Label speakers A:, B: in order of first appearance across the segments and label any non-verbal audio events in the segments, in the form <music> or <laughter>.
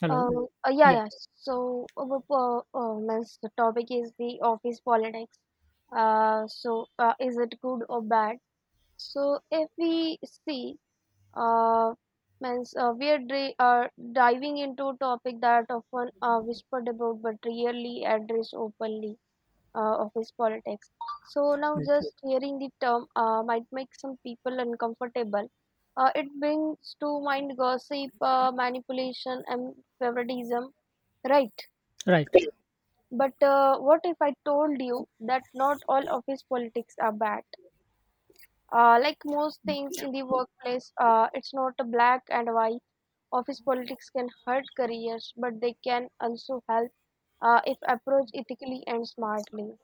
A: Hello?
B: Um, uh, yeah,
A: Yeah,
B: yeah. So, bu- means the topic is the office politics. Is it good or bad? So, if we see, uh, means We are diving into a topic that often whispered about but rarely addressed openly, office politics. So now
A: right.
B: just hearing the term might make some people uncomfortable. It brings to mind gossip, manipulation, and favoritism, right?
A: Right.
B: But what if I told you that not all office politics are bad? Like most things in the workplace, it's not a black and white. Office politics can hurt careers, but they can also help if approached ethically and smartly.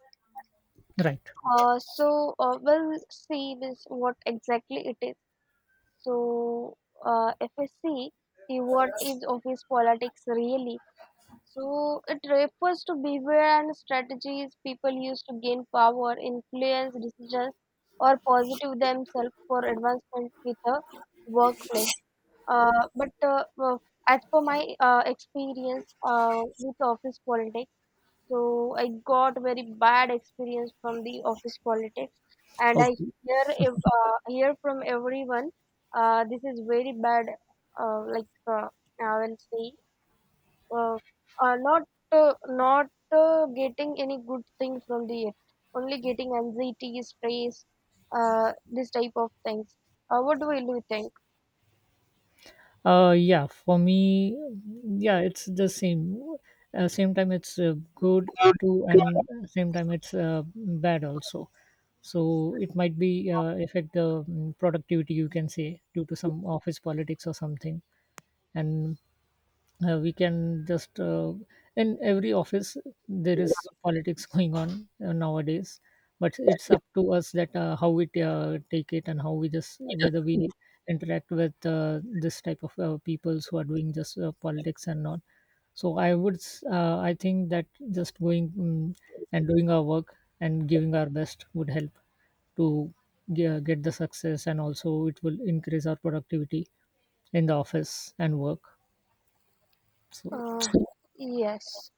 A: Right.
B: We'll see this what exactly it is. So FSC, the what is office politics really? So it refers to behavior and strategies people use to gain power, influence decisions, or positive themselves for advancement with the workplace. But As per my experience with office politics, so I got very bad experience from the office politics, and I
A: Okay.
B: hear from everyone. This is very bad. Uh, like uh, I will say, uh, not not getting any good thing from the it. Only getting anxiety, stress, this type of things. What do you think?
A: Yeah, for me, yeah, it's the same. Same time, it's good too, and same time, it's bad also. So it might be affect the productivity, you can say, due to some office politics or something. And we can just in every office there is politics <laughs> going on nowadays, but it's up to us that how we take it, and how we just, whether we interact with this type of peoples who are doing just politics and not. So I think that just going and doing our work and giving our best would help to get the success, and also it will increase our productivity in the office and work, so...
B: Uh, yes.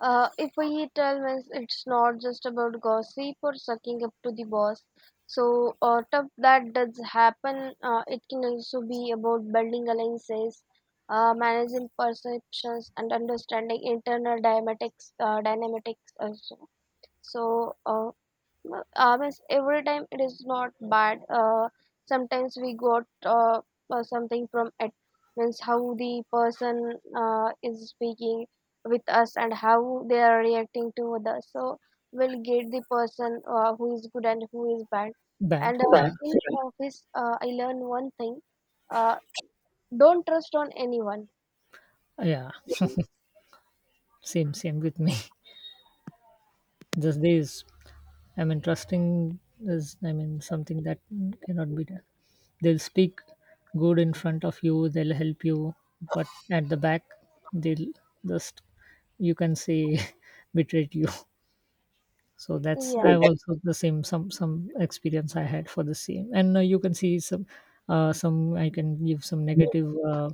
B: If we tell means it's not just about gossip or sucking up to the boss. Stuff that does happen, it can also be about building alliances, managing perceptions, and understanding internal dynamics. Dynamics also. So uh, Means every time it is not bad, sometimes we got something from it, means how the person is speaking with us and how they are reacting to others, so we'll get the person who is good and who is bad,
A: Bad,
B: and
A: yeah.
B: that's in right office, I learned one thing uh, don't trust on anyone.
A: Yeah, same with me. <laughs> These days, I mean, trusting is, I mean, something that cannot be done. They'll speak good in front of you. They'll help you, but at the back, they'll just, you can say, <laughs> betrayed you. So that's,
B: Yeah,
A: I've also the same, some experience I had for the same, and you can see some some. I can give some negative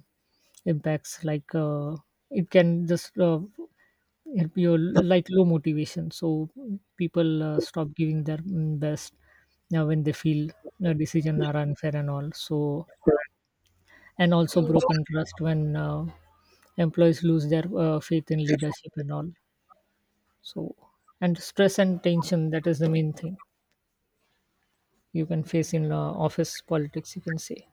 A: impacts, like, it can just, it'll like low motivation, so people stop giving their best now, when they feel the decision are unfair and all. So, and
B: yeah.
A: also broken trust when employees lose their faith in leadership and all. So, and stress and tension, that is the main thing you can face in office politics, you can say.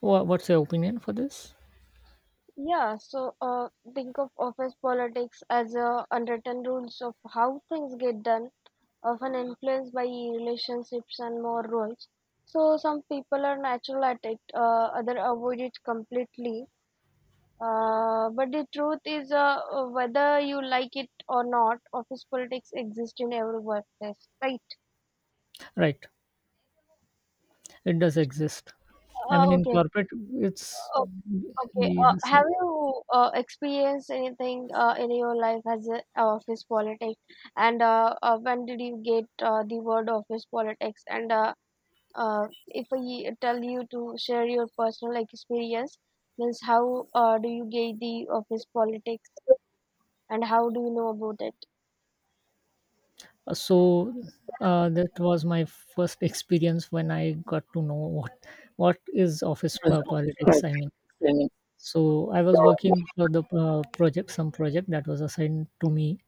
A: What's your opinion for this?
B: Yeah, think of office politics as unwritten rules of how things get done, often influenced by relationships and more roles. So some people are natural at it, other avoid it completely. But the truth is, whether you like it or not, office politics exist in every workplace, right?
A: Right, it does exist. I mean,
B: Uh,
A: in
B: okay,
A: corporate, it's...
B: Okay.
A: we just...
B: Have you experienced anything in your life as a office politics? And when did you get the word office politics? And if I tell you to share your personal experience, means how do you get the office politics and how do you know about it?
A: Uh, so that was my first experience when I got to know what what is office politics, I mean. So I was working for the project some project that was assigned to me.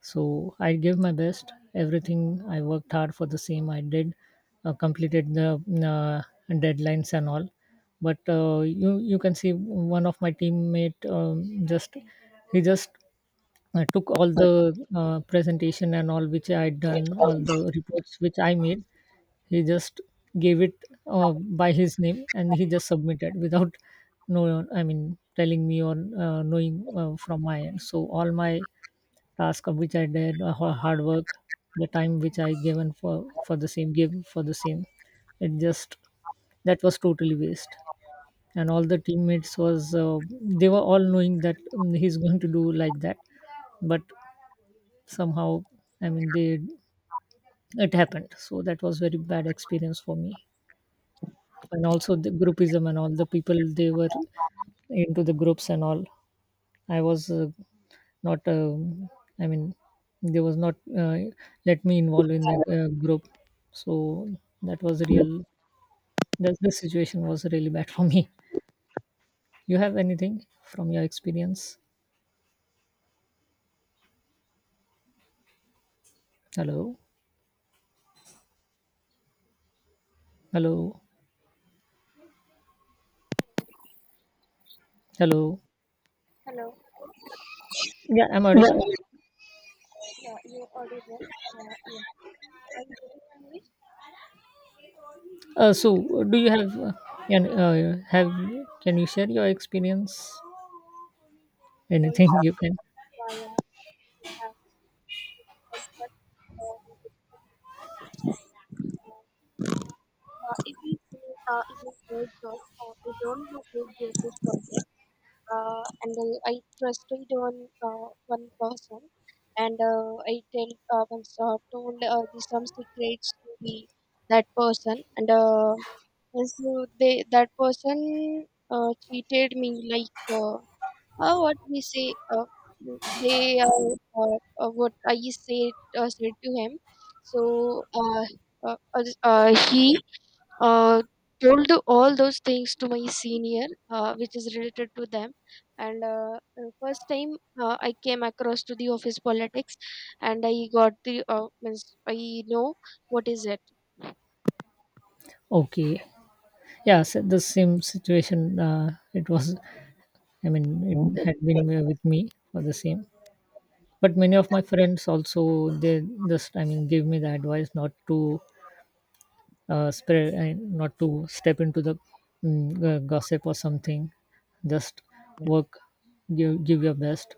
A: So I gave my best, everything. I worked hard for the same. I did, completed the uh, deadlines and all. But you can see, one of my teammate, just he just... I took all the presentation and all which I had done, all the reports which I made. He just gave it by his name, and he just submitted without <laughs> no, I mean, telling me or knowing from my end. So all my task of which I did, hard work, the time which I given for the same, gave for the same, it just, that was totally waste. And all the teammates was they were all knowing that he's going to do like that, but somehow, I mean, they, it happened. So that was very bad experience for me. And also the groupism and all, the people they were into the groups and all. I was not, I mean, they was not let me involve in the group. So that was real, that the situation was really bad <laughs> for me. You have anything from your experience? Hello? Hello? Hello?
B: Hello.
A: Yeah, I'm audible.
B: Yeah, you're audible. Yeah. Are you getting my voice?
A: Do you have, can, have, can you share your experience?
B: Or you-
A: Anything you can?
B: Yeah, yeah. Have respect for, if we see, if we say just we don't have big business project, and I trusted on one person, and told the, some secrets to the that person, and so they that person cheated me like, uh, what we say, they are, what I said to him. So he uh, told all those things to my senior, which is related to them. And first time I came across to the office politics, and I got the means I know what is it.
A: Okay, yeah. So the same situation. It was, I mean, it had been with me for the same. But many of my friends also, they just, I mean, gave me the advice not to spread, and not to step into the gossip or something. Just work, give your best.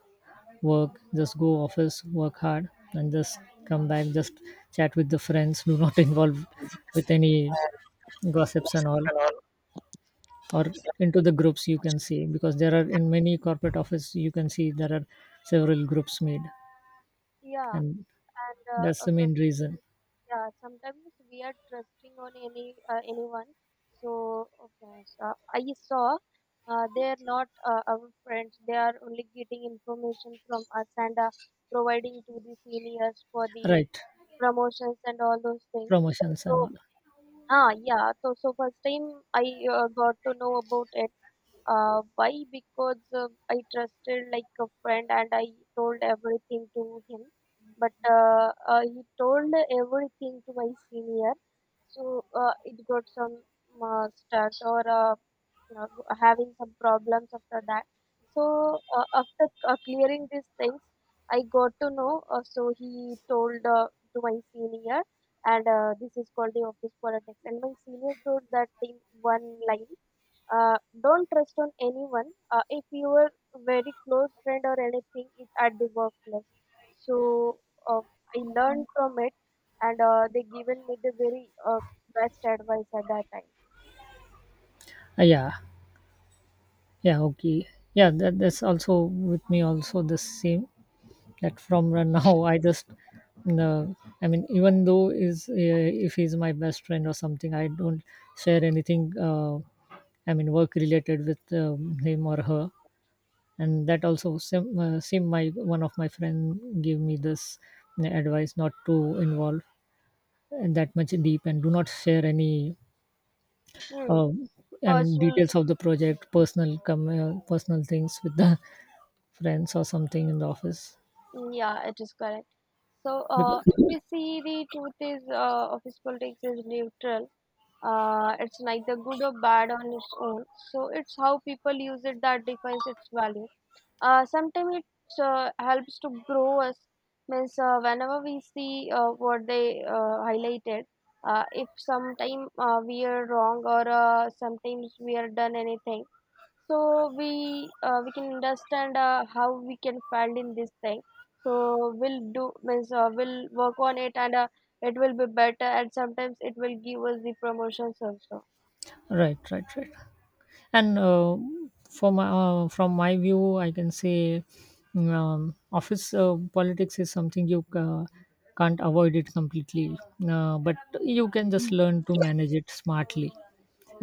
A: Work, just go office, work hard, and just come back, just chat with the friends. Do not <laughs> involve with any gossips and all, or into the groups, you can see, because there are, in many corporate office you can see, there are several groups made,
B: Yeah,
A: and
B: and
A: that's the
B: uh,
A: main reason.
B: yeah, sometimes we are trusting on any anyone. So okay, so I saw they are not our friends. They are only getting information from us and providing to the seniors for the
A: Right,
B: promotions and all those things.
A: promotions and
B: So
A: all.
B: ah, yeah. So, so first time I got to know about it. Why? Because I trusted like a friend and I told everything to him. But he told everything to my senior. So it got some stress, or you know, having some problems after that. So after clearing these things, I got to know. So he told to my senior, and this is called the office politics. And my senior told that in one line, uh, don't trust on anyone. If your very close friend or anything is at the workplace, so uh, I learned from it, and they given me the very best advice at that time.
A: Yeah, yeah, okay, yeah. That's also with me, also the same, that from right now <laughs> I just, no, I mean, even though is, if he's my best friend or something, I don't share anything, I mean, work related, with him or her. And that also same, my one of my friend gave me this advice not to involve that much deep, and do not share any,
B: Hmm.
A: uh, I mean,
B: Personal,
A: details of the project, personal personal things with the <laughs> friends or something, in the office.
B: yeah, it is correct. So,
A: Because-
B: if we see the truth is, office politics is neutral, it's neither good or bad on its own, so it's how people use it that defines its value. Sometimes it helps to grow us, means, whenever we see what they highlighted, if sometime we are wrong or sometimes we are done anything, so we we can understand how we can find in this thing, so we'll do, means we'll work on it, and it will be better, and sometimes it will give us the promotions also.
A: right, right, right. And from my view, I can say, office politics is something you can't avoid it completely, but you can just learn to manage it smartly.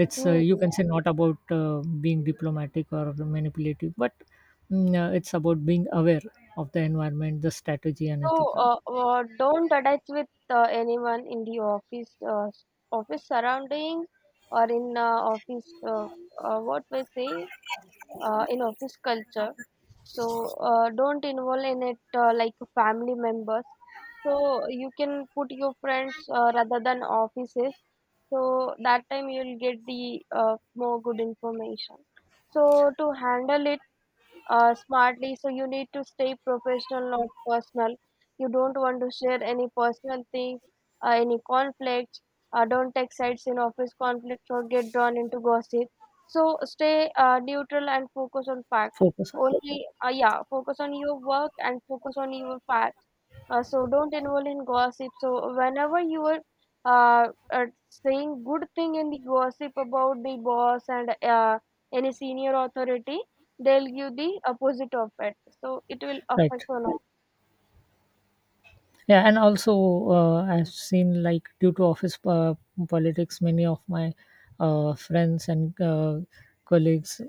A: It's
B: Hmm.
A: you can say, not about being diplomatic or manipulative, but it's about being aware of the environment, the strategy, and
B: So
A: ethical.
B: don't attach with anyone in the office, office surrounding, or in office what we say, in office culture. So don't involve in it, like family members, so you can put your friends rather than offices, so that time you'll get the more good information. So to handle it smartly, so you need to stay professional, not personal. You don't want to share any personal things, any conflicts. Don't take sides in office conflicts or get drawn into gossip. So stay neutral and focus on facts.
A: Focus on.
B: Only, yeah, focus on your work and focus on your facts. So don't involve in gossip. So whenever you are saying good thing in the gossip about the boss and any senior authority, they'll give the opposite of it. So it will affect
A: Right.
B: a lot.
A: Yeah, and also I've seen, like, due to office politics, many of my friends and colleagues,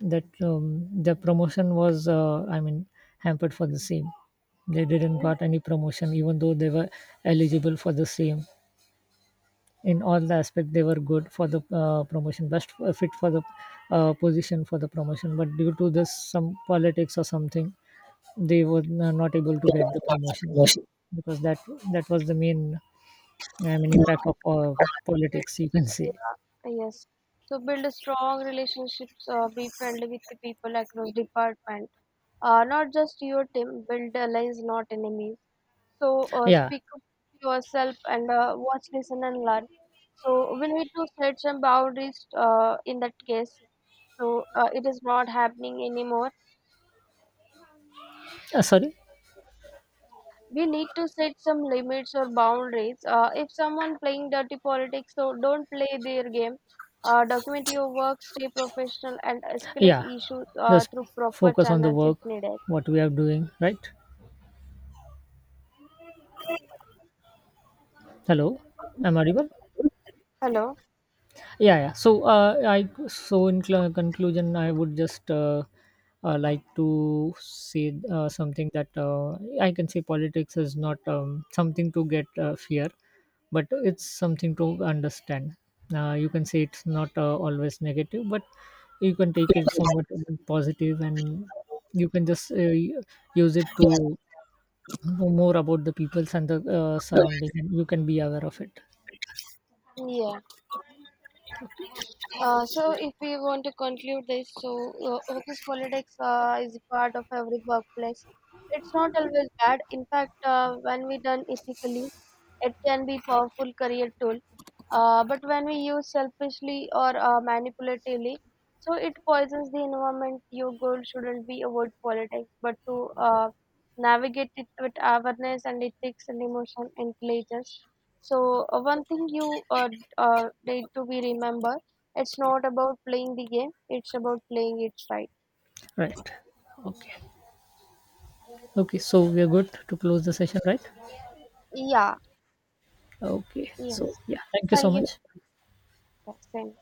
A: that their promotion was, I mean, hampered for the same. They didn't got any promotion, even though they were eligible for the same. In all the aspect, they were good for the promotion, best fit for the position for the promotion. But due to this, some politics or something, they were not able to get the promotion, because that was the main, I mean, impact of politics, you can say.
B: Yes. So build a strong relationships. Be friendly with the people across department, not just your team. Build allies, not enemies. So
A: Yeah.
B: speak up yourself and watch, listen, and learn. So we need to set some boundaries. In that case, so it is not happening anymore.
A: Sorry.
B: We need to set some limits or boundaries. If someone playing dirty politics, so don't play their game. Document your work, stay professional, and escalate
A: Yeah,
B: issues
A: just
B: through proper
A: focus on the
B: channels if
A: work,
B: needed.
A: what we are doing, right? Hello? Am audible?
B: Hello.
A: Yeah, yeah. So uh, i so, in conclusion, I would just like to say something, that I can say politics is not something to get fear, but it's something to understand. You can say it's not always negative, but you can take it somewhat positive, and you can just use it to know more about the peoples and the surrounding, and you can be aware of it.
B: Yeah. So if we want to conclude this, so office politics is a part of every workplace. It's not always bad. In fact, when we done ethically, it can be powerful career tool. But when we use selfishly or manipulatively, so it poisons the environment. Your goal shouldn't be avoid politics, but to navigate it with awareness and ethics and emotion intelligence. So one thing you need to be remembered, it's not about playing the game, it's about playing it right.
A: Right. Okay. Okay, so we are good to close the session, right?
B: Yeah.
A: Okay,
B: Yeah.
A: so
B: Yes.
A: yeah, thank you so
B: Thank you.
A: much.
B: Same.